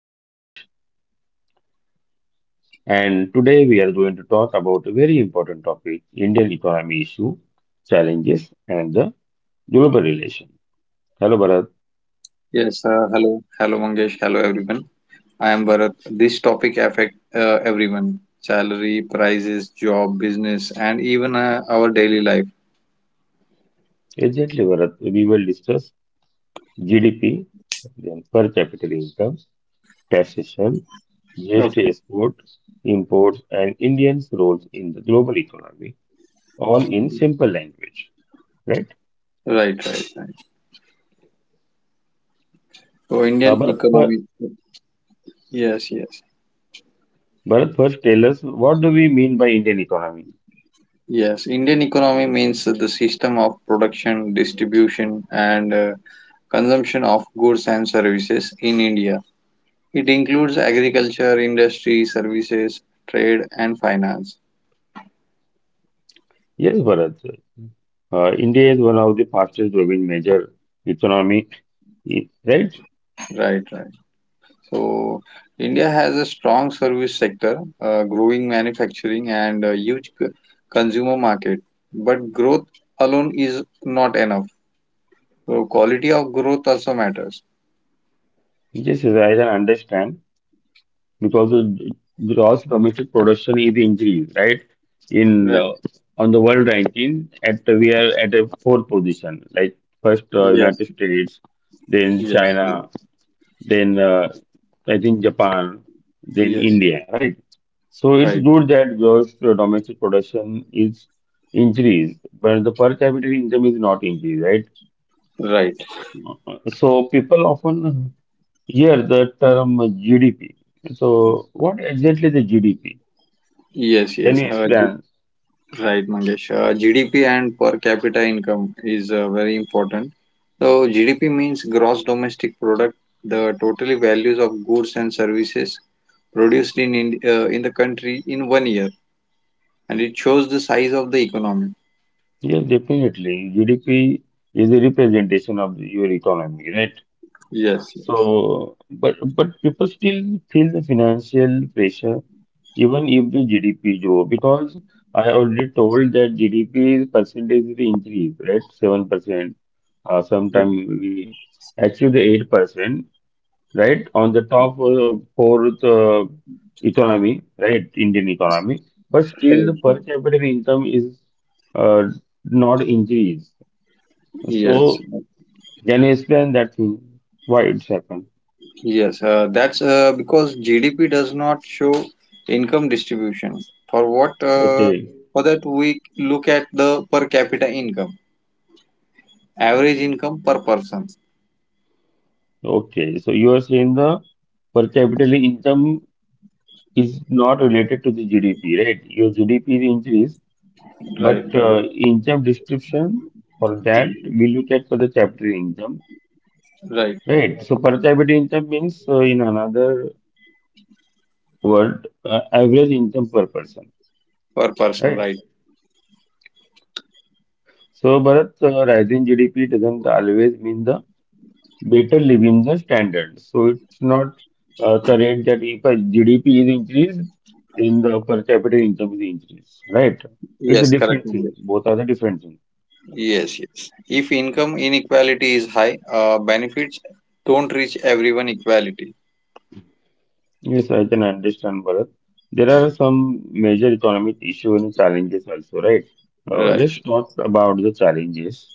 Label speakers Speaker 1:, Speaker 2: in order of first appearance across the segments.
Speaker 1: Manjesh and today we are going to talk about a very important topic, Indian economy issue, challenges and the global relation. Hello Bharat,
Speaker 2: Yes, hello. Hello, Mangesh. Hello, everyone. I am Bharat. This topic affect everyone. Salary, prices, job, business, and even our daily life.
Speaker 1: exactly Bharat, we will discuss GDP, then per capita income, taxation, GST
Speaker 2: Okay.
Speaker 1: export, imports and Indians' roles in the global economy, all in simple language, right?
Speaker 2: Right, right, right. So Indian
Speaker 1: Uh, Bharat, fir-
Speaker 2: economy. Yes, yes.
Speaker 1: Bharat, first tell us what do we mean by Indian economy?
Speaker 2: Yes, Indian economy means the system of production, distribution, and consumption of goods and services in India. It includes agriculture, industry, services, trade, and finance.
Speaker 1: Yes, Bharat. India is one of the fastest growing major economy, right?
Speaker 2: Right, right. So, India has a strong service sector, growing manufacturing, and a huge consumer market. But growth alone is not enough. So, quality of growth also matters.
Speaker 1: Yes, yes, I can understand because the gross domestic production is increased, right? In
Speaker 2: Right.
Speaker 1: On the world ranking, at we are at a fourth position, like first
Speaker 2: Yes.
Speaker 1: United States, then
Speaker 2: Yes. Yes.
Speaker 1: China, then I think Japan, then
Speaker 2: Yes. Yes.
Speaker 1: India, right? So it's
Speaker 2: Right.
Speaker 1: good that gross domestic production is increased, but the per capita income is not increased, right?
Speaker 2: Right.
Speaker 1: So people often hear the term GDP. So what exactly the GDP?
Speaker 2: Yes.
Speaker 1: Can you
Speaker 2: Yes. Uh, G-
Speaker 1: explain?
Speaker 2: right, Mangesh. GDP and per capita income is very important. So, GDP means gross domestic product, the total values of goods and services produced in the country in 1 year, and it shows the size of the economy.
Speaker 1: Yes, definitely. GDP is a representation of your economy, right?
Speaker 2: Yes.
Speaker 1: So, but people still feel the financial pressure even if the GDP grow because I already told that GDP is percentage is the increase, right? 7%. Sometime we achieve the 8%. Right? On the top fourth economy, right? Indian economy, but still
Speaker 2: Right,
Speaker 1: the
Speaker 2: right.
Speaker 1: per capita income is uh, not increased.
Speaker 2: yes,
Speaker 1: So can you explain that thing? Why it's happened?
Speaker 2: yes. That's Because GDP does not show income distribution. For what? Uh,
Speaker 1: Okay,
Speaker 2: for that we look at the per capita income, average income per person.
Speaker 1: okay. So you are saying the per capita income is not related to the GDP, right? Your GDP is increased,
Speaker 2: Right,
Speaker 1: but
Speaker 2: right,
Speaker 1: income distribution for that we look at for the capital income.
Speaker 2: right, right.
Speaker 1: Right. So per capita income means, in another word, average income per person.
Speaker 2: Per person,
Speaker 1: Right.
Speaker 2: right.
Speaker 1: So, Bharat, rising GDP doesn't always mean the better living the standard. So it's not the rate that if a GDP is increased, then the per capita income is increased. Right. It's a
Speaker 2: Yes, correct,
Speaker 1: different thing.
Speaker 2: Mangesh.
Speaker 1: Both are the different thing.
Speaker 2: Yes, yes. If income inequality is high, benefits don't reach everyone equality.
Speaker 1: Yes, I can understand, Bharat. There are some major economic issues and challenges also, right?
Speaker 2: Right.
Speaker 1: Let's talk about the challenges.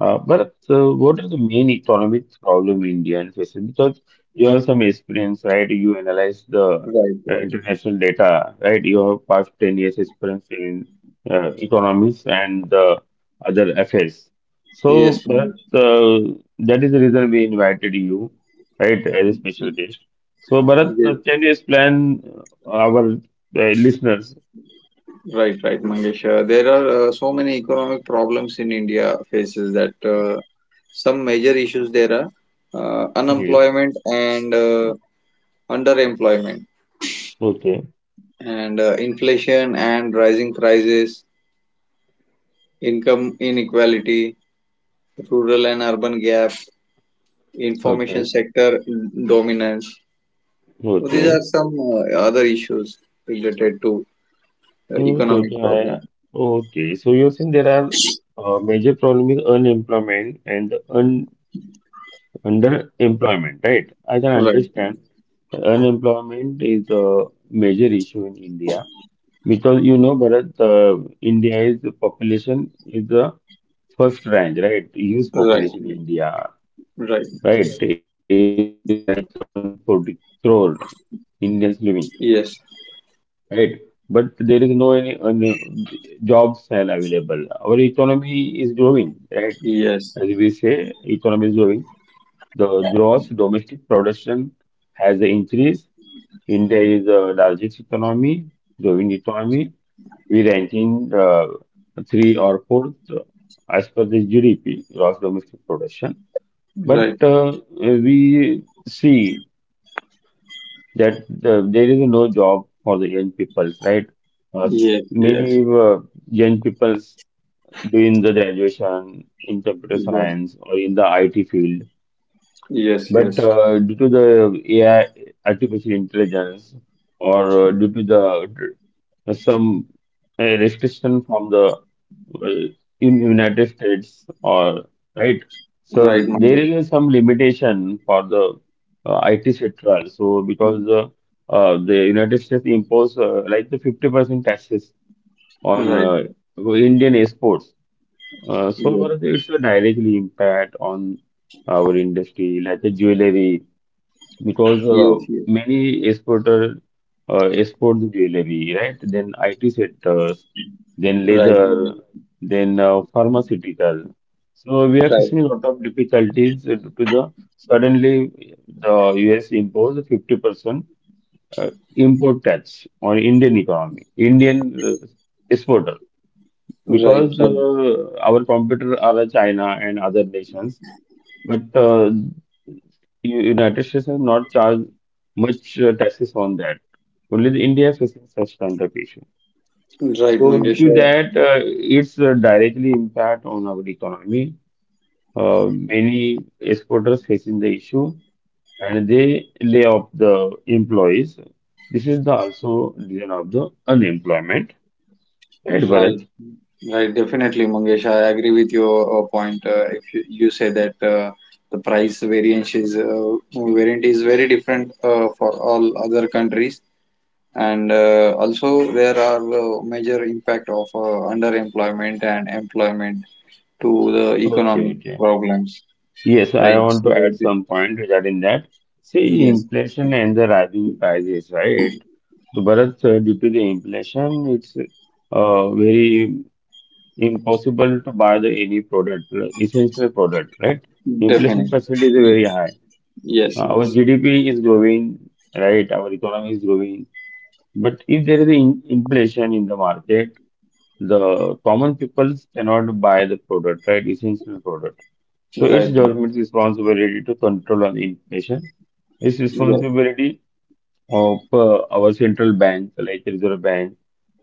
Speaker 1: But What are the main economic problem India is facing? Because you have some experience, right? You analyze the
Speaker 2: Right, right.
Speaker 1: international data, right? You have past 10 years experience in economics and the other affairs. So,
Speaker 2: Yes,
Speaker 1: but
Speaker 2: Mangesh.
Speaker 1: that is the reason we invited you, right, as a special guest. So, Bharat,
Speaker 2: Yes,
Speaker 1: can you explain our listeners?
Speaker 2: right, right, Mangesh. There are so many economic problems in India faces that some major issues there are
Speaker 1: Yes.
Speaker 2: unemployment and underemployment
Speaker 1: Okay.
Speaker 2: and inflation and rising prices, income inequality, rural and urban gap, information
Speaker 1: Okay.
Speaker 2: sector dominance. So these are
Speaker 1: Okay.
Speaker 2: some other issues related to
Speaker 1: True, true,
Speaker 2: economic
Speaker 1: true.
Speaker 2: problem.
Speaker 1: Okay, so you're saying there are major problem with unemployment and un underemployment, right? I can
Speaker 2: Right,
Speaker 1: understand. Unemployment is a major issue in India because you know, Bharat, India is population is the first rank, right? Huge
Speaker 2: right,
Speaker 1: population in India,
Speaker 2: right.
Speaker 1: right? It's like 140 crore Indians living.
Speaker 2: Yes,
Speaker 1: Right, but there is no any job sale available. Our economy is growing, right?
Speaker 2: yes,
Speaker 1: As we say, economy is growing. The gross domestic production has increased. India is the largest economy, growing economy. We ranking three or fourth as per the GDP, gross domestic production. But
Speaker 2: right.
Speaker 1: we see that there is no job for the young peoples, right? Uh, s-
Speaker 2: Yes, yes,
Speaker 1: many young peoples doing the graduation in computer
Speaker 2: yes,
Speaker 1: science or in the IT field,
Speaker 2: yes,
Speaker 1: but
Speaker 2: yes.
Speaker 1: due to the AI, artificial intelligence, or due to the some restriction from the uh, in United States or right. So
Speaker 2: Right,
Speaker 1: there
Speaker 2: Mangesh.
Speaker 1: is some limitation for the IT sector. So because
Speaker 2: Mm.
Speaker 1: the the United States impose like the 50% taxes on
Speaker 2: Right,
Speaker 1: Indian exports. So
Speaker 2: yes,
Speaker 1: Bharat, it's a directly impact on our industry, like the jewelry because
Speaker 2: yes, yes.
Speaker 1: many exporter export the jewelry, right? Then IT sectors, then
Speaker 2: Right,
Speaker 1: leather,
Speaker 2: Mangesh.
Speaker 1: then pharmaceutical. So we are
Speaker 2: Right,
Speaker 1: facing a lot of difficulties due to the suddenly the US imposed 50% uh, import tax on Indian economy, Indian exporter,
Speaker 2: right,
Speaker 1: because
Speaker 2: right.
Speaker 1: our competitors are China and other nations. But United States have not charged much taxes on that. Only the India is facing such kind of issue.
Speaker 2: Right,
Speaker 1: So due
Speaker 2: Mangesh.
Speaker 1: to that, it's directly impact on our economy. Many exporters facing the issue and they lay off the employees. This is the also reason of the unemployment. Right,
Speaker 2: Right,
Speaker 1: Bharat?
Speaker 2: right. Definitely, Mangesh. I agree with your point. If you say that the price variance is variant is very different for all other countries, and also there are major impact of underemployment and employment to the
Speaker 1: Okay,
Speaker 2: economic
Speaker 1: okay.
Speaker 2: problems
Speaker 1: Yes,
Speaker 2: right
Speaker 1: I want
Speaker 2: so
Speaker 1: to add
Speaker 2: th-
Speaker 1: some point regarding that. See,
Speaker 2: yes,
Speaker 1: inflation and the rising prices, right? So, Bharat, due to the inflation, it's very impossible to buy the any product, essential product, right? Inflation
Speaker 2: definitely.
Speaker 1: percentage is
Speaker 2: Y-
Speaker 1: very high.
Speaker 2: yes,
Speaker 1: Our
Speaker 2: yes.
Speaker 1: GDP is growing, right? Our economy is growing. But if there is an in inflation in the market, the common people cannot buy the product, right? Essential product. So it's
Speaker 2: Right,
Speaker 1: government's
Speaker 2: right.
Speaker 1: responsibility to control on inflation. It's
Speaker 2: Yes,
Speaker 1: responsibility of our central bank, like Reserve Bank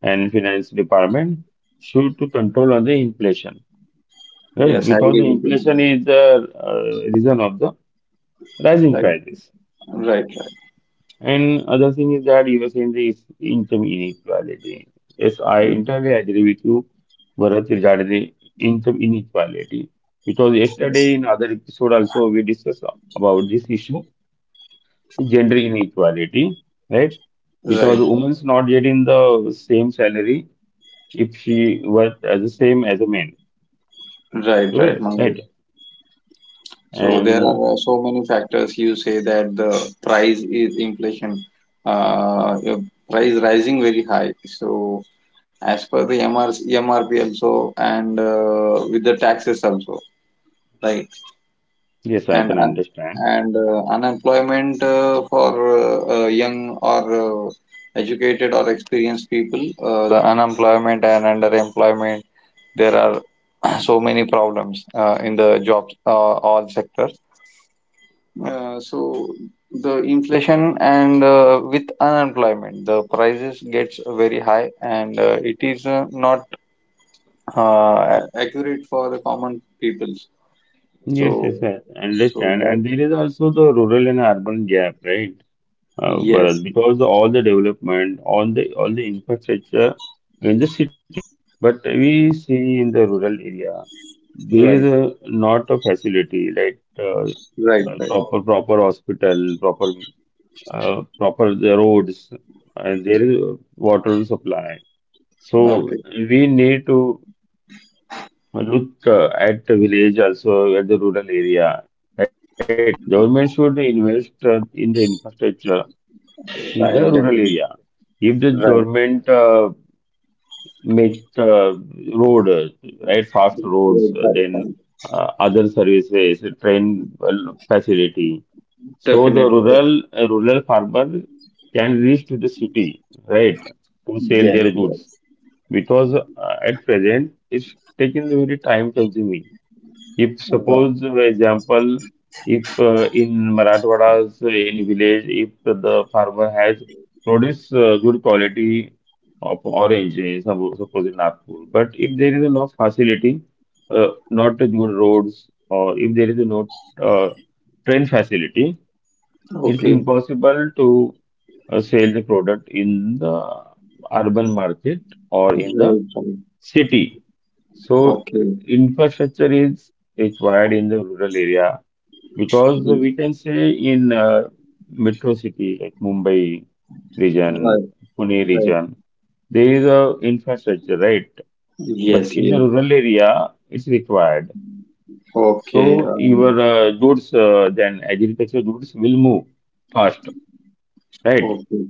Speaker 1: and Finance Department, should to control on the inflation, right?
Speaker 2: yes. I
Speaker 1: Because
Speaker 2: agree
Speaker 1: the
Speaker 2: with you,
Speaker 1: inflation
Speaker 2: Manish.
Speaker 1: is the reason of the rising
Speaker 2: Right,
Speaker 1: prices.
Speaker 2: right,
Speaker 1: And other thing is that you were saying the income inequality. Yes, I
Speaker 2: right,
Speaker 1: entirely agree with you, Bharat, regarding the income inequality. Because yesterday in other episode also we discussed about this issue, gender inequality, right? Because
Speaker 2: right,
Speaker 1: woman's not getting the same salary if she works as the same as a man,
Speaker 2: right, right, right, Mangesh.
Speaker 1: right?
Speaker 2: So there
Speaker 1: And
Speaker 2: are so many factors. You say that the price is inflation, uh, uh, price rising very high. So as per the MRMRP also, and with the taxes also, right?
Speaker 1: yes, I
Speaker 2: And
Speaker 1: can
Speaker 2: un-
Speaker 1: understand.
Speaker 2: and unemployment for young or educated or experienced people, the unemployment and underemployment. There are so many problems in the jobs all sectors. So the inflation and with unemployment, the prices gets very high, and it is not uh, accurate for the common people. So,
Speaker 1: Yes, yes, I
Speaker 2: so
Speaker 1: understand.
Speaker 2: that
Speaker 1: And there is also the rural and urban gap, right? Whereas
Speaker 2: yes,
Speaker 1: because all the development, all the infrastructure in the city, but we see in the rural area there is
Speaker 2: right,
Speaker 1: a not a facility like
Speaker 2: right, right.
Speaker 1: proper hospital, proper proper the roads, and there is water supply. So
Speaker 2: Okay,
Speaker 1: we need to look at the village also at the rural area, right? Government should invest in the infrastructure in the
Speaker 2: right,
Speaker 1: rural
Speaker 2: definitely,
Speaker 1: area. If the
Speaker 2: right,
Speaker 1: government make road, right, fast roads,
Speaker 2: right, right,
Speaker 1: then
Speaker 2: right.
Speaker 1: other services, train well, facility, so the
Speaker 2: Definitely, def-
Speaker 1: rural rural farmer can reach to the city, right, to sell
Speaker 2: yes,
Speaker 1: their goods
Speaker 2: yes.
Speaker 1: because at present it's taking very time consuming. If
Speaker 2: Right.
Speaker 1: suppose, for example, if in Marathwada's any village, if the farmer has produced good quality of orange, eh, suppose in Nagpur, but if there is no facility, not good roads, or if there is no uh, train facility, it's
Speaker 2: Okay,
Speaker 1: impossible to sell the product in the urban market or in the
Speaker 2: right, right.
Speaker 1: city. So
Speaker 2: Okay.
Speaker 1: infrastructure is required in the rural area because
Speaker 2: Mm.
Speaker 1: we can say in metro city like Mumbai region,
Speaker 2: Right,
Speaker 1: Pune
Speaker 2: right.
Speaker 1: region, there is a infrastructure, right? But
Speaker 2: Yes,
Speaker 1: in the
Speaker 2: yes.
Speaker 1: rural area, it's required.
Speaker 2: Okay,
Speaker 1: So
Speaker 2: um,
Speaker 1: your goods, then agriculture goods will move fast, right?
Speaker 2: okay.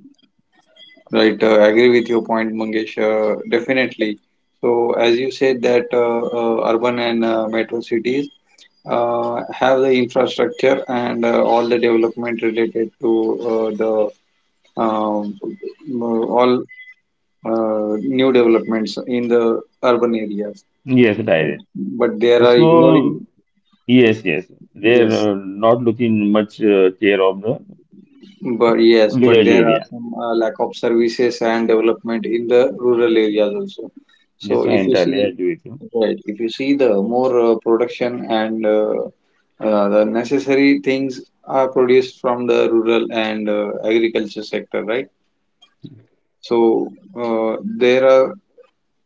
Speaker 2: Right, agree with your point, Mangesh. Definitely. So, as you said that urban and metro cities have the infrastructure and all the development related to the um, all new developments in the urban areas.
Speaker 1: Yes,
Speaker 2: But,
Speaker 1: direct.
Speaker 2: but they are
Speaker 1: So
Speaker 2: ignoring.
Speaker 1: yes, yes, they're
Speaker 2: Yes.
Speaker 1: not looking much care of the
Speaker 2: But
Speaker 1: village
Speaker 2: there are
Speaker 1: area.
Speaker 2: some lack of services and development in the rural areas also. So
Speaker 1: Yes, I
Speaker 2: if you
Speaker 1: entirely
Speaker 2: see,
Speaker 1: agree with you.
Speaker 2: right, if you see the more production and the necessary things are produced from the rural and agriculture sector, right? So there are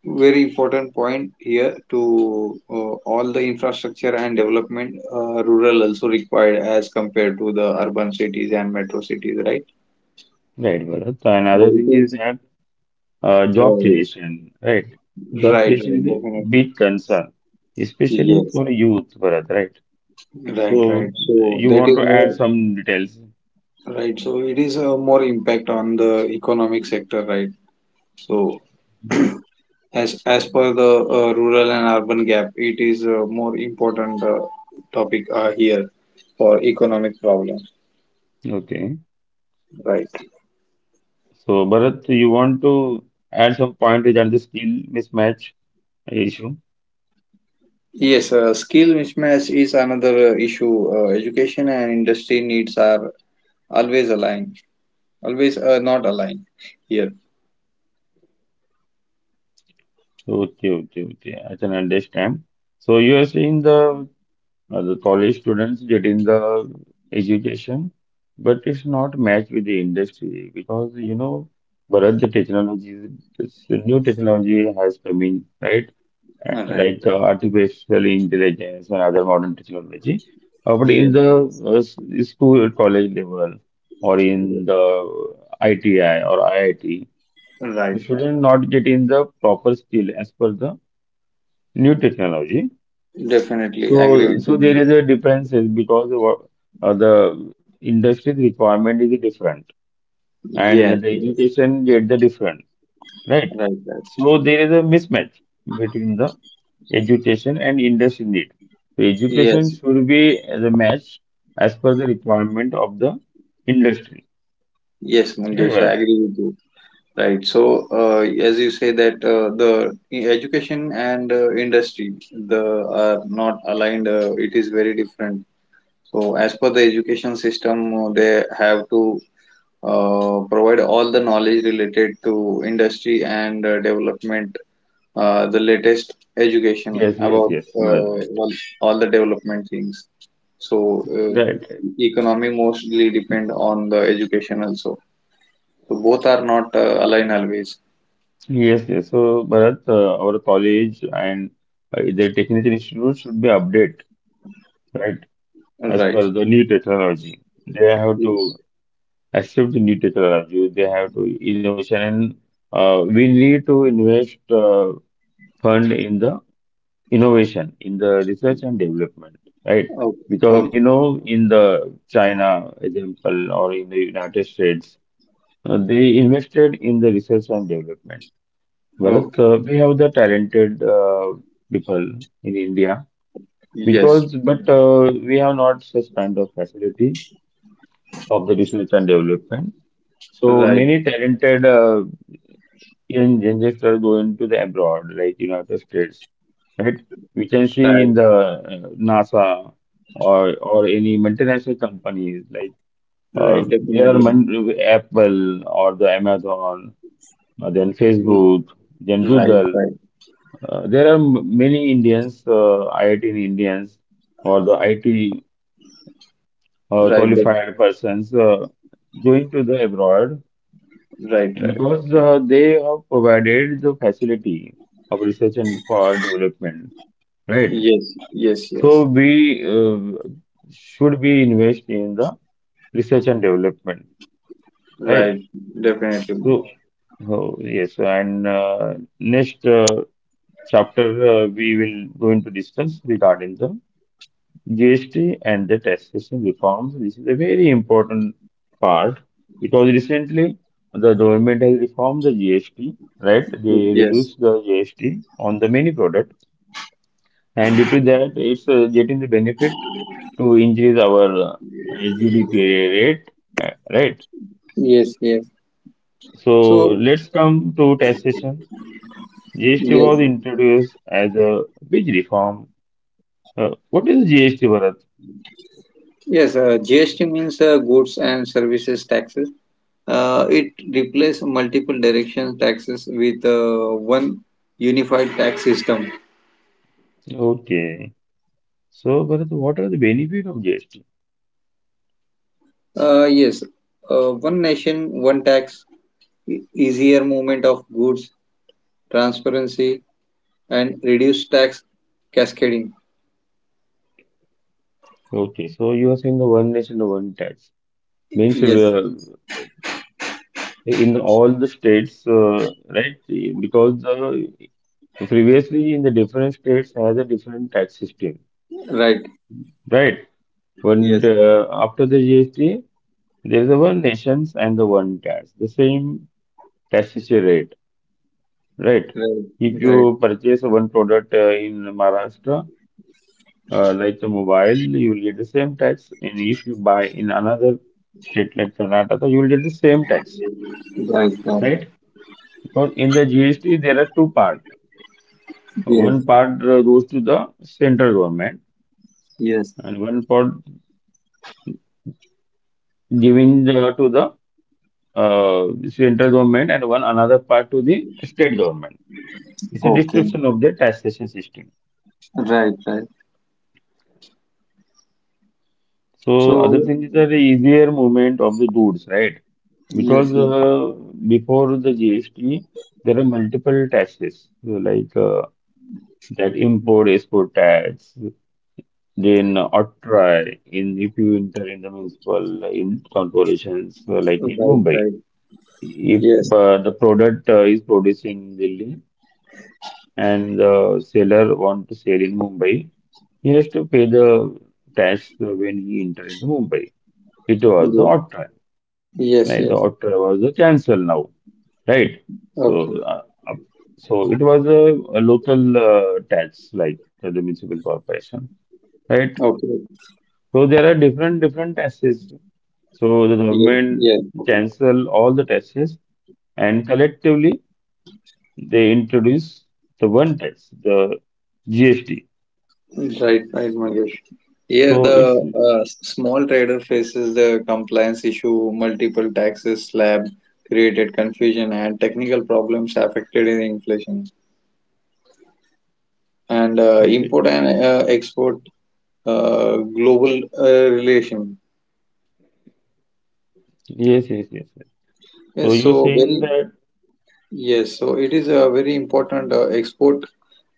Speaker 2: very important point here to all the infrastructure and development rural also required as compared to the urban cities and metro cities, right?
Speaker 1: Right, Bharat. And
Speaker 2: But
Speaker 1: another
Speaker 2: it
Speaker 1: thing is
Speaker 2: is.
Speaker 1: that job
Speaker 2: Right,
Speaker 1: creation, right? Job
Speaker 2: right,
Speaker 1: creation
Speaker 2: right,
Speaker 1: is a
Speaker 2: definitely.
Speaker 1: big concern, especially
Speaker 2: Yes,
Speaker 1: for youth, Bharat, right?
Speaker 2: right, right.
Speaker 1: So
Speaker 2: So
Speaker 1: you
Speaker 2: that
Speaker 1: want
Speaker 2: is
Speaker 1: to
Speaker 2: more
Speaker 1: add some details.
Speaker 2: right. So it is a more impact on the economic sector, right? So as per the rural and urban gap, it is a more important topic here for economic problems,
Speaker 1: Okay.
Speaker 2: right?
Speaker 1: So, Bharat, you want to add some point regarding the skill mismatch issue?
Speaker 2: Yes, skill mismatch is another issue. Education and industry needs are always aligned, always not aligned here.
Speaker 1: Okay, okay, okay. I can understand. So you are saying the college students getting the education, but it's not matched with the industry because you know, Bharat, the technology, this new technology has come in, right? Uh,
Speaker 2: Right.
Speaker 1: Like the artificial intelligence and other modern technology. But in
Speaker 2: Yes,
Speaker 1: the
Speaker 2: yes,
Speaker 1: uh, s- school, college level, or in
Speaker 2: yes.
Speaker 1: the ITI or IIT,
Speaker 2: Right.
Speaker 1: the
Speaker 2: Right.
Speaker 1: student not getting the proper skill as per the new technology
Speaker 2: Definitely agree
Speaker 1: so,
Speaker 2: with you,
Speaker 1: so there is
Speaker 2: Mangesh.
Speaker 1: a difference is because the the industry's requirement is different and
Speaker 2: Yes,
Speaker 1: the
Speaker 2: yes,
Speaker 1: education get the different, right?
Speaker 2: right, right.
Speaker 1: So there is a mismatch between the education and industry need. The
Speaker 2: Yes,
Speaker 1: education should be the match as per the requirement of the industry.
Speaker 2: yes,
Speaker 1: Right,
Speaker 2: Mangesh, I
Speaker 1: Bharat?
Speaker 2: agree with you. Right. So, as you say that the education and industry the are not aligned, it is very different. So, as per the education system, they have to provide all the knowledge related to industry and development the latest education
Speaker 1: Yes, yes,
Speaker 2: about
Speaker 1: yes, Bharat, right,
Speaker 2: well, all the development things. So
Speaker 1: right, right.
Speaker 2: economy mostly depend on the education also. So both are not aligned always.
Speaker 1: Yes, yes. So, Bharat, our college and the technical institute should be updated. Right? As
Speaker 2: Right.
Speaker 1: per the new technology. They have
Speaker 2: Yes.
Speaker 1: to accept the new technology. They have to innovation, and we need to invest fund in the innovation, in the research and development, right?
Speaker 2: Okay.
Speaker 1: Because you
Speaker 2: Okay.
Speaker 1: know, in the China example or in the United States, they invested in the research and development. Bharat,
Speaker 2: Okay.
Speaker 1: we have the talented people in India
Speaker 2: Yes.
Speaker 1: because, but we have not such kind of facility of the research and development. So
Speaker 2: Right.
Speaker 1: many talented young youngsters going to the abroad, like United States, right? We can see
Speaker 2: Right.
Speaker 1: in the NASA or any multinational companies like
Speaker 2: Right. Definitely.
Speaker 1: Apple or the Amazon, then
Speaker 2: Mm.
Speaker 1: Facebook, then
Speaker 2: Right.
Speaker 1: Google.
Speaker 2: Right.
Speaker 1: Many Indians, IIT Indians or the IT
Speaker 2: Right. def-
Speaker 1: qualified persons going to the abroad
Speaker 2: Right. Right.
Speaker 1: because they have provided the facility of research and for development, right?
Speaker 2: Yes. Yes.
Speaker 1: So
Speaker 2: Yes.
Speaker 1: we should be invest in the research and development,
Speaker 2: Right.
Speaker 1: right?
Speaker 2: Definitely.
Speaker 1: So oh, yes, and next chapter, we will going to discuss regarding the GST and the taxation reforms. This is a very important part because recently the government has reformed the GST, right? They
Speaker 2: Yes.
Speaker 1: reduced the GST on the many products, and due to that, it's getting the benefit to increase our GDP rate, right?
Speaker 2: Yes. Yes.
Speaker 1: So
Speaker 2: So
Speaker 1: let's come to taxation. GST was
Speaker 2: yes.
Speaker 1: introduced as a big reform. What is GST, Bharat?
Speaker 2: Yes, GST means goods and services taxes. It replaces multiple direction taxes with one unified tax system.
Speaker 1: Okay. So, Bharat, what are the benefit of GST?
Speaker 2: Uh, yes, one nation, one tax, easier movement of goods, transparency, and reduced tax cascading.
Speaker 1: Okay, so you are saying the one nation, the one tax means
Speaker 2: Yes,
Speaker 1: in all the states, right? Because the, previously in the different states has a different tax system,
Speaker 2: right.
Speaker 1: right? When
Speaker 2: Yes,
Speaker 1: after the GST, there is a one nations and the one tax, the same taxation rate, right?
Speaker 2: right,
Speaker 1: If
Speaker 2: right,
Speaker 1: you purchase one product in Maharashtra, like the mobile, you will get the same tax, and if you buy in another state like Karnataka, you will get the same tax.
Speaker 2: right, right.
Speaker 1: Right? Because in the GST, there are two parts.
Speaker 2: Yes,
Speaker 1: One part goes to the central government,
Speaker 2: yes.
Speaker 1: and one part giving the, to the central government, and one another part to the state government. It's a
Speaker 2: Okay,
Speaker 1: distribution of the taxation system.
Speaker 2: right, right.
Speaker 1: So
Speaker 2: So,
Speaker 1: other thing is the easier movement of the goods, right?
Speaker 2: yes,
Speaker 1: Because
Speaker 2: yes,
Speaker 1: before the GST, there are multiple taxes so like that import export tax, then Atrai in if you enter in the municipal in corporations like in
Speaker 2: right,
Speaker 1: Mumbai,
Speaker 2: right.
Speaker 1: if
Speaker 2: Yes.
Speaker 1: the product is produced in Delhi and the seller want to sell in Mumbai, he has to pay the tax when he enter into Mumbai. It was the
Speaker 2: Ye-
Speaker 1: Atrai, like
Speaker 2: Yes,
Speaker 1: the
Speaker 2: yes.
Speaker 1: Atrai was the cancel now, right?
Speaker 2: Okay.
Speaker 1: So, uh, uh, so it was a local tax like the municipal corporation, right?
Speaker 2: Okay.
Speaker 1: So there are different different taxes. So the
Speaker 2: Yeah,
Speaker 1: government
Speaker 2: yeah.
Speaker 1: cancel all the taxes and collectively they introduce the one tax, the GST.
Speaker 2: Right, right, Mangesh. Here,
Speaker 1: So
Speaker 2: the
Speaker 1: it's
Speaker 2: small trader faces the compliance issue, multiple taxes slab created confusion, and technical problems affected in inflation. And
Speaker 1: yes,
Speaker 2: import and export global relation.
Speaker 1: yes, yes, yes. So
Speaker 2: Yes,
Speaker 1: you were
Speaker 2: so
Speaker 1: saying
Speaker 2: very
Speaker 1: that
Speaker 2: yes, so it is a very important export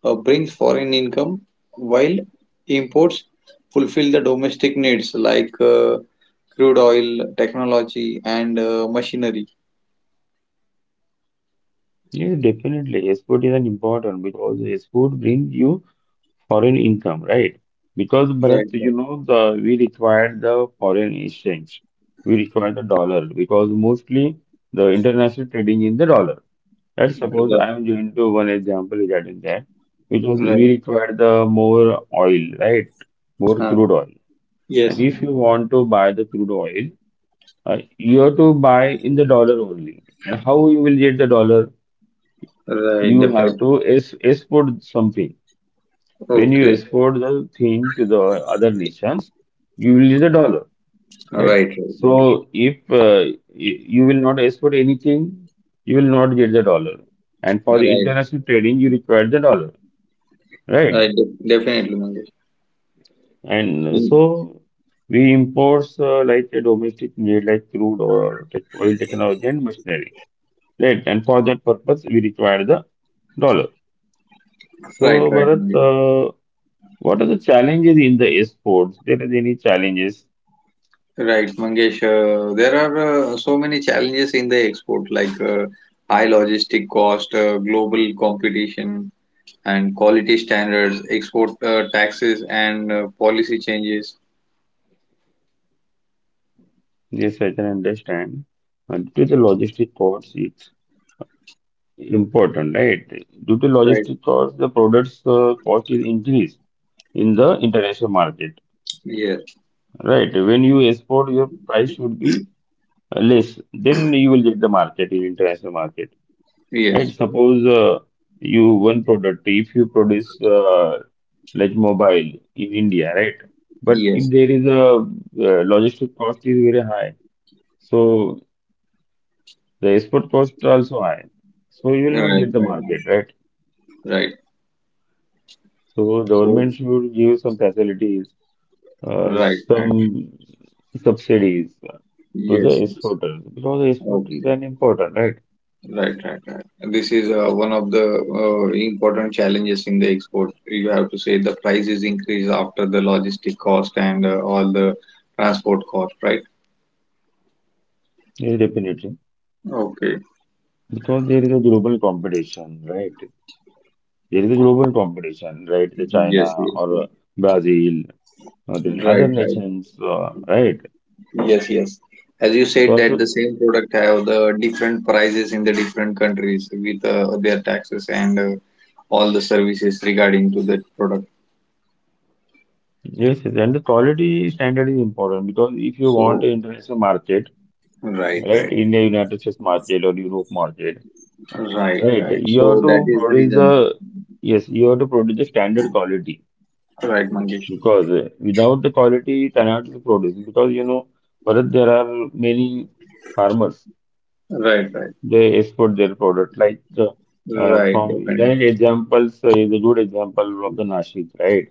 Speaker 2: brings foreign income, while imports fulfill the domestic needs like crude oil, technology, and machinery.
Speaker 1: yes, definitely export is an important because export brings you foreign income, right? Because Bharat,
Speaker 2: Right, right,
Speaker 1: you know, the we require the foreign exchange, we require the dollar because mostly the international trading in the dollar. Let's suppose
Speaker 2: right,
Speaker 1: I'm going to one example regarding that, which was we
Speaker 2: right.
Speaker 1: required the more oil, right? More
Speaker 2: Uh,
Speaker 1: crude oil. And
Speaker 2: yes,
Speaker 1: if you want to buy the crude oil, you have to buy in the dollar only. And how you will get the dollar?
Speaker 2: right,
Speaker 1: You have
Speaker 2: definitely.
Speaker 1: to es export something. When you
Speaker 2: Okay,
Speaker 1: export the thing to the other nations, you will get the dollar, right?
Speaker 2: right, right,
Speaker 1: So if you will not export anything, you will not get the dollar. And for the
Speaker 2: right,
Speaker 1: international trading, you require the dollar.
Speaker 2: right,
Speaker 1: Right.
Speaker 2: definitely, Mangesh.
Speaker 1: And
Speaker 2: Mm.
Speaker 1: so we imports like a domestic need like crude or tech- oil technology and machinery. Right. And for that purpose, we require the dollar.
Speaker 2: Right,
Speaker 1: So,
Speaker 2: right,
Speaker 1: Bharat,
Speaker 2: Mangesh.
Speaker 1: what are the challenges in the exports? There is any challenges?
Speaker 2: Right, Mangesh. There are so many challenges in the export, like high logistic cost, global competition, and quality standards, export taxes, and policy changes.
Speaker 1: Yes, I can understand. Due to the logistic costs, it's important, right? Due to
Speaker 2: Right.
Speaker 1: logistic costs, the products cost is increased in the international market,
Speaker 2: Yes.
Speaker 1: right? When you export, your price should be less, then you will get the market in international market. Right?
Speaker 2: Yes.
Speaker 1: Suppose you one product, if you produce like mobile in India, right? But if
Speaker 2: Yes.
Speaker 1: there is a logistic cost is very high, so the export cost also high, so you will not
Speaker 2: Right.
Speaker 1: get the
Speaker 2: Right.
Speaker 1: market, right?
Speaker 2: Right.
Speaker 1: So
Speaker 2: So.
Speaker 1: government should give some facilities, uh,
Speaker 2: Right. Right.
Speaker 1: some subsidies to the
Speaker 2: Yes. Yes.
Speaker 1: exporters because the export is
Speaker 2: Okay.
Speaker 1: an important, right?
Speaker 2: Right. Right. Right. This is one of the important challenges in the export. You have to say the prices increase after the logistic cost and all the transport cost. Right.
Speaker 1: Yes, definitely.
Speaker 2: Okay.
Speaker 1: Because there is a global competition, right? There is a global competition, right? The China
Speaker 2: Yes. Yes. Yes.
Speaker 1: or Brazil, or then
Speaker 2: Right.
Speaker 1: other
Speaker 2: Right.
Speaker 1: nations, right?
Speaker 2: Yes, yes. As you
Speaker 1: So
Speaker 2: said that
Speaker 1: also,
Speaker 2: the same product have the different prices in the different countries with their taxes and all the services regarding to that product.
Speaker 1: yes, yes, and the quality standard is important because if you want
Speaker 2: So
Speaker 1: an international market,
Speaker 2: right,
Speaker 1: right,
Speaker 2: right,
Speaker 1: India, United States market or Europe market,
Speaker 2: right,
Speaker 1: right,
Speaker 2: right.
Speaker 1: you have
Speaker 2: So that
Speaker 1: to
Speaker 2: is the
Speaker 1: produce
Speaker 2: reason.
Speaker 1: the, yes, you have to produce the standard quality
Speaker 2: Right, Mangesh.
Speaker 1: because without the quality you cannot produce because you know, Bharat, there are many farmers
Speaker 2: Right, right,
Speaker 1: they export their product. Like
Speaker 2: right,
Speaker 1: from
Speaker 2: definitely.
Speaker 1: right examples is a good example of the Nashik, right?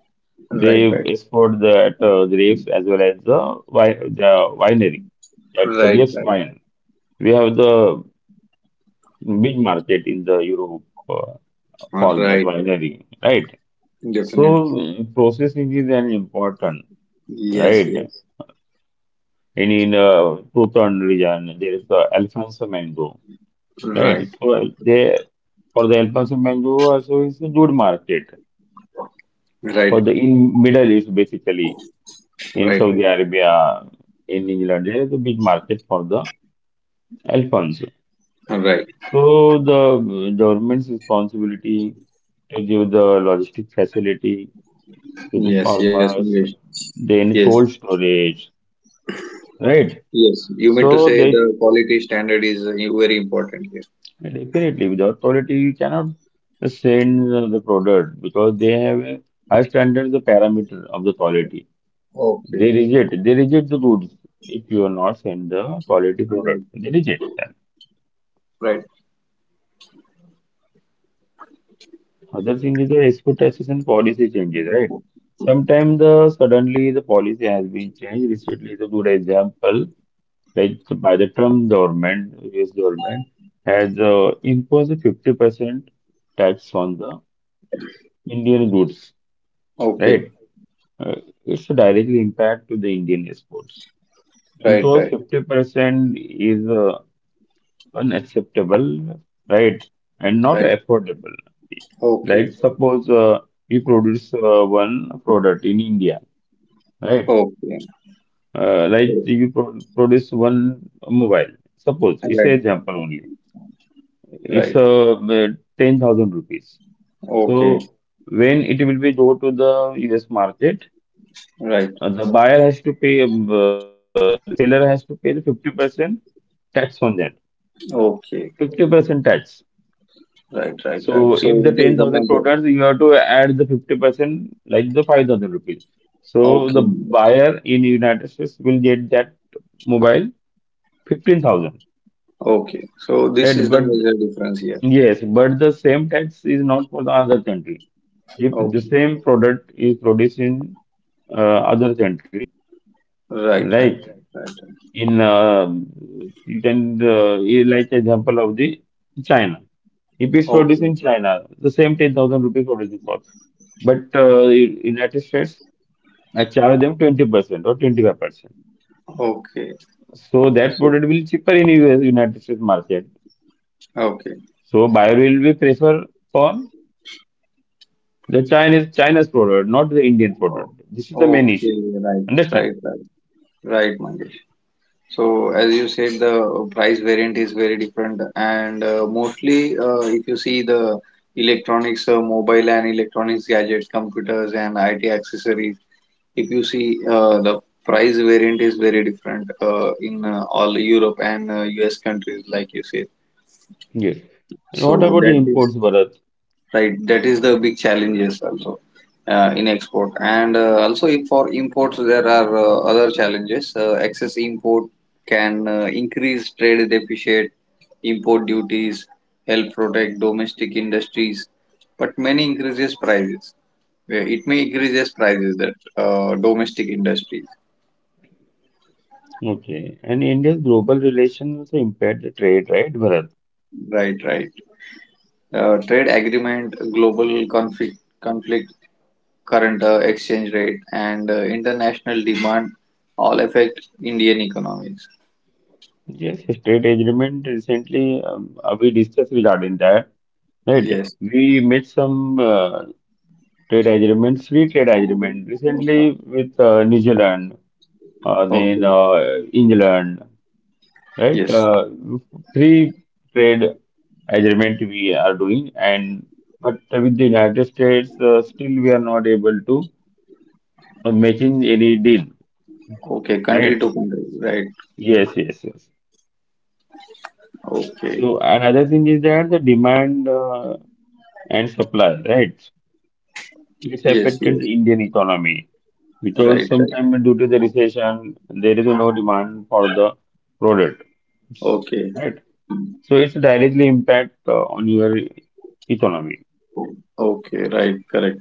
Speaker 2: Right,
Speaker 1: They
Speaker 2: right,
Speaker 1: export the grapes as well as the wi- the winery at the
Speaker 2: right,
Speaker 1: grapes wine. We have the big market in the Europe uh,
Speaker 2: right,
Speaker 1: for that
Speaker 2: right, right.
Speaker 1: winery, right? So
Speaker 2: Definitely.
Speaker 1: mm, processing is an important,
Speaker 2: Yes,
Speaker 1: right?
Speaker 2: yes.
Speaker 1: And in Proton region, there is the Alfonso mango. Right.
Speaker 2: Right,
Speaker 1: So they for the El Paso mango also is a good market for
Speaker 2: right,
Speaker 1: the in Middle East, basically in
Speaker 2: right, right.
Speaker 1: Saudi Arabia, in England there is a big market for the Alfonso.
Speaker 2: Right.
Speaker 1: So the government's responsibility to give the logistic facility to the
Speaker 2: Yes, yes,
Speaker 1: farmers,
Speaker 2: Mangesh.
Speaker 1: then
Speaker 2: Yes.
Speaker 1: cold storage, right?
Speaker 2: Yes, you mean to
Speaker 1: So
Speaker 2: say
Speaker 1: they
Speaker 2: the quality standard is very important here.
Speaker 1: definitely, without quality, you cannot send the product because they have a high standards, the parameter of the quality.
Speaker 2: Okay,
Speaker 1: They reject the goods if you are not send the quality
Speaker 2: right,
Speaker 1: product. They reject that.
Speaker 2: right.
Speaker 1: Other thing is the export taxes and policy changes, right? Sometimes the suddenly the policy has been changed. Recently, is a good example, like by the Trump government, US government has imposed a 50% tax on the Indian goods,
Speaker 2: Okay,
Speaker 1: right? Uh, it's directly impact to the Indian sports
Speaker 2: right,
Speaker 1: because
Speaker 2: right,
Speaker 1: 50% is unacceptable, right? And not
Speaker 2: right.
Speaker 1: affordable, right?
Speaker 2: Okay,
Speaker 1: Suppose you produce one product in India, right?
Speaker 2: okay,
Speaker 1: Like
Speaker 2: right,
Speaker 1: you pro produce one mobile. Suppose it's an example only. It's
Speaker 2: right.
Speaker 1: 10,000 rupees.
Speaker 2: Okay,
Speaker 1: So when it will be go to the US market,
Speaker 2: right.
Speaker 1: The buyer has to pay, the seller has to pay the 50% tax on that.
Speaker 2: Okay,
Speaker 1: 50% tax.
Speaker 2: right, right, right.
Speaker 1: So
Speaker 2: So
Speaker 1: if the
Speaker 2: it is the
Speaker 1: 10,000
Speaker 2: major.
Speaker 1: products, you have to add the 50% like the 5,000 rupees. So the
Speaker 2: Okay,
Speaker 1: buyer in United States will get that mobile 15,000.
Speaker 2: okay. So this
Speaker 1: Right?
Speaker 2: is the
Speaker 1: But
Speaker 2: major difference here.
Speaker 1: yes, but the same tax is not for the other country. If the
Speaker 2: Okay,
Speaker 1: same product is produced in other country,
Speaker 2: right, right, right,
Speaker 1: right?
Speaker 2: right.
Speaker 1: in then Like example of the China. If it's produced
Speaker 2: Okay,
Speaker 1: in China, the same 10,000 rupees producing cost, but in United States, I charge them 20% or 25%.
Speaker 2: okay.
Speaker 1: So that
Speaker 2: So
Speaker 1: product will cheaper in US United States market.
Speaker 2: okay.
Speaker 1: So buyer will be prefer for the Chinese China's product, not the Indian
Speaker 2: Oh,
Speaker 1: product. This is the main
Speaker 2: okay.
Speaker 1: issue.
Speaker 2: Right,
Speaker 1: Understand?
Speaker 2: right, right, right, Mangesh. So as you said, the price variant is very different, and mostly if you see the electronics, mobile and electronics gadgets, computers and IT accessories, if you see the price variant is very different in all Europe and US countries, like you said.
Speaker 1: Yes. And what
Speaker 2: So
Speaker 1: about the
Speaker 2: that is
Speaker 1: imports, Bharat?
Speaker 2: right. That is the big challenges also in export, and also if for imports there are other challenges. Excess import can increase trade deficit. Import duties help protect domestic industries, but many increases prices. Yeah, it may increases prices that domestic industries.
Speaker 1: Okay. And India's global relations also impair the trade, right, Bharat?
Speaker 2: Right, right. Trade agreement, global conflict, conflict, current exchange rate, and international demand all affect Indian economies.
Speaker 1: Yes, state agreement recently we discussed regarding that, right?
Speaker 2: Yes.
Speaker 1: We made some trade agreements, free trade agreement recently with New Zealand, then
Speaker 2: Okay.
Speaker 1: England, right?
Speaker 2: Yes.
Speaker 1: Free trade agreement we are doing, and but with the United States, still we are not able to making any deal,
Speaker 2: Okay. Country
Speaker 1: right?
Speaker 2: to country. Right.
Speaker 1: Yes, yes, yes.
Speaker 2: Okay.
Speaker 1: So another thing is that the demand and supply, right? It's
Speaker 2: Yes.
Speaker 1: affected
Speaker 2: Yes.
Speaker 1: the Indian economy because
Speaker 2: Right. Right.
Speaker 1: sometimes due to the recession, there is no demand for the product,
Speaker 2: Okay.
Speaker 1: right? So it's directly impact on your economy.
Speaker 2: Okay. Right. Correct.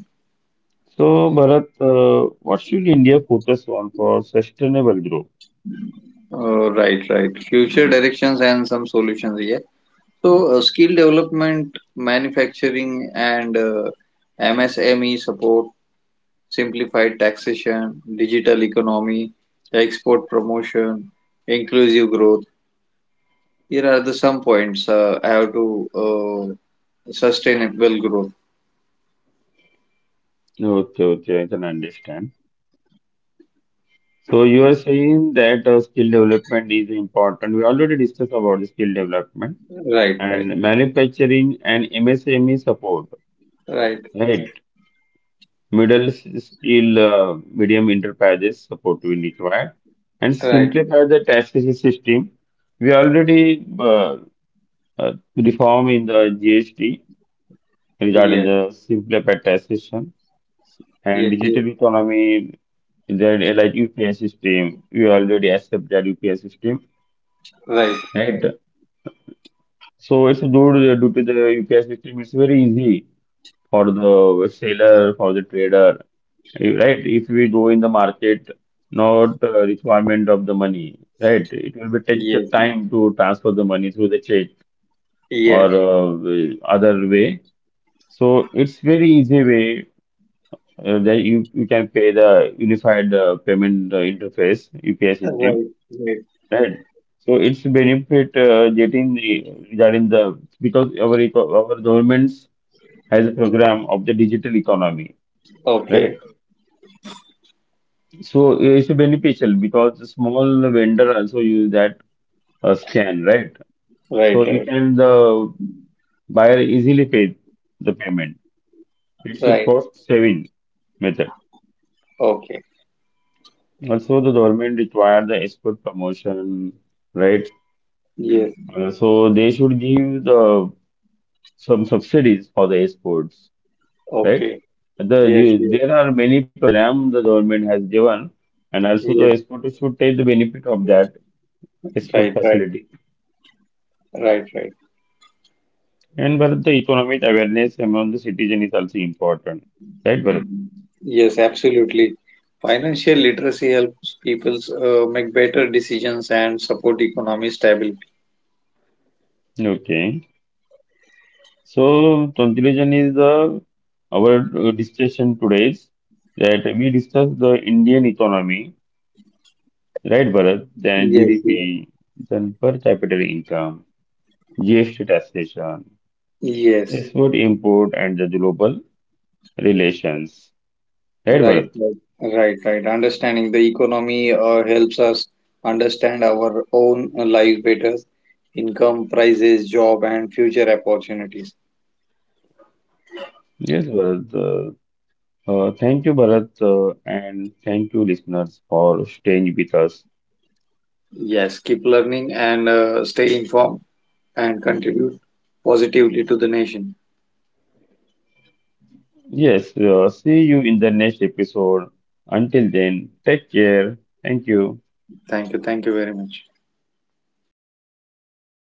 Speaker 1: So Bharat, what should India focus on for sustainable growth?
Speaker 2: Oh, right, right. Future directions and some solutions. Yeah. So, skill development, manufacturing, and MSME support, simplified taxation, digital economy, export promotion, inclusive growth. Here are the some points I have to sustainable growth.
Speaker 1: Okay, okay, I can understand. So you are saying that skill development is important. We already discussed about the skill development
Speaker 2: Right, right,
Speaker 1: and manufacturing and MSME support,
Speaker 2: right,
Speaker 1: right? Middle steel medium interpages support will require and
Speaker 2: right.
Speaker 1: simplify the taxation system. We already reform in the GST regarding
Speaker 2: Yes,
Speaker 1: the simplified taxation and
Speaker 2: yes, yes.
Speaker 1: digital economy. That like UPI system, we already accept that UPI system,
Speaker 2: Right.
Speaker 1: right? So it's due to the UPI system. It's very easy for the seller, for the trader, right? If we go in the market, not requirement of the money, right? It will be take the
Speaker 2: Yes,
Speaker 1: time to transfer the money through the check or
Speaker 2: yes.
Speaker 1: the other way. So it's very easy way that you can pay the unified payment interface UPI system,
Speaker 2: Right, right.
Speaker 1: right? So it's benefit getting the, regarding the because our our governments has a program of the digital economy,
Speaker 2: Okay.
Speaker 1: right? So it's beneficial because the small vendor also use that scan, right?
Speaker 2: Right,
Speaker 1: So you
Speaker 2: right,
Speaker 1: can the buyer easily pay the payment. It's a
Speaker 2: right.
Speaker 1: cost saving method.
Speaker 2: Okay.
Speaker 1: Also, the government require the export promotion, right?
Speaker 2: Yes.
Speaker 1: So they should give the some subsidies for the exports, right?
Speaker 2: Okay. Yes. Yes.
Speaker 1: There are many programs the government has given, and also the
Speaker 2: Yes.
Speaker 1: exporters should take the benefit of that export
Speaker 2: Right. Right.
Speaker 1: facility.
Speaker 2: Right. Right.
Speaker 1: And Bharat, the economic awareness among the citizen is also important, right, Bharat?
Speaker 2: Yes, absolutely. Financial literacy helps people make better decisions and support economic stability.
Speaker 1: Okay. So conclusion is the our discussion today is that we discuss the Indian economy, right, Bharat? Then
Speaker 2: Yes, yes,
Speaker 1: GDP, then per capita income, GST taxation,
Speaker 2: yes.
Speaker 1: export import, and the global relations, right,
Speaker 2: Right,
Speaker 1: Bharat?
Speaker 2: right, right, right. Understanding the economy helps us understand our own life better, income, prices, job, and future opportunities.
Speaker 1: Yes, Bharat. Thank you, Bharat, and thank you, listeners, for staying with us.
Speaker 2: Yes, keep learning and stay informed and contribute positively to the nation.
Speaker 1: Yes, see you in the next episode. Until then, take care. Thank you.
Speaker 2: Thank you. Thank you very much.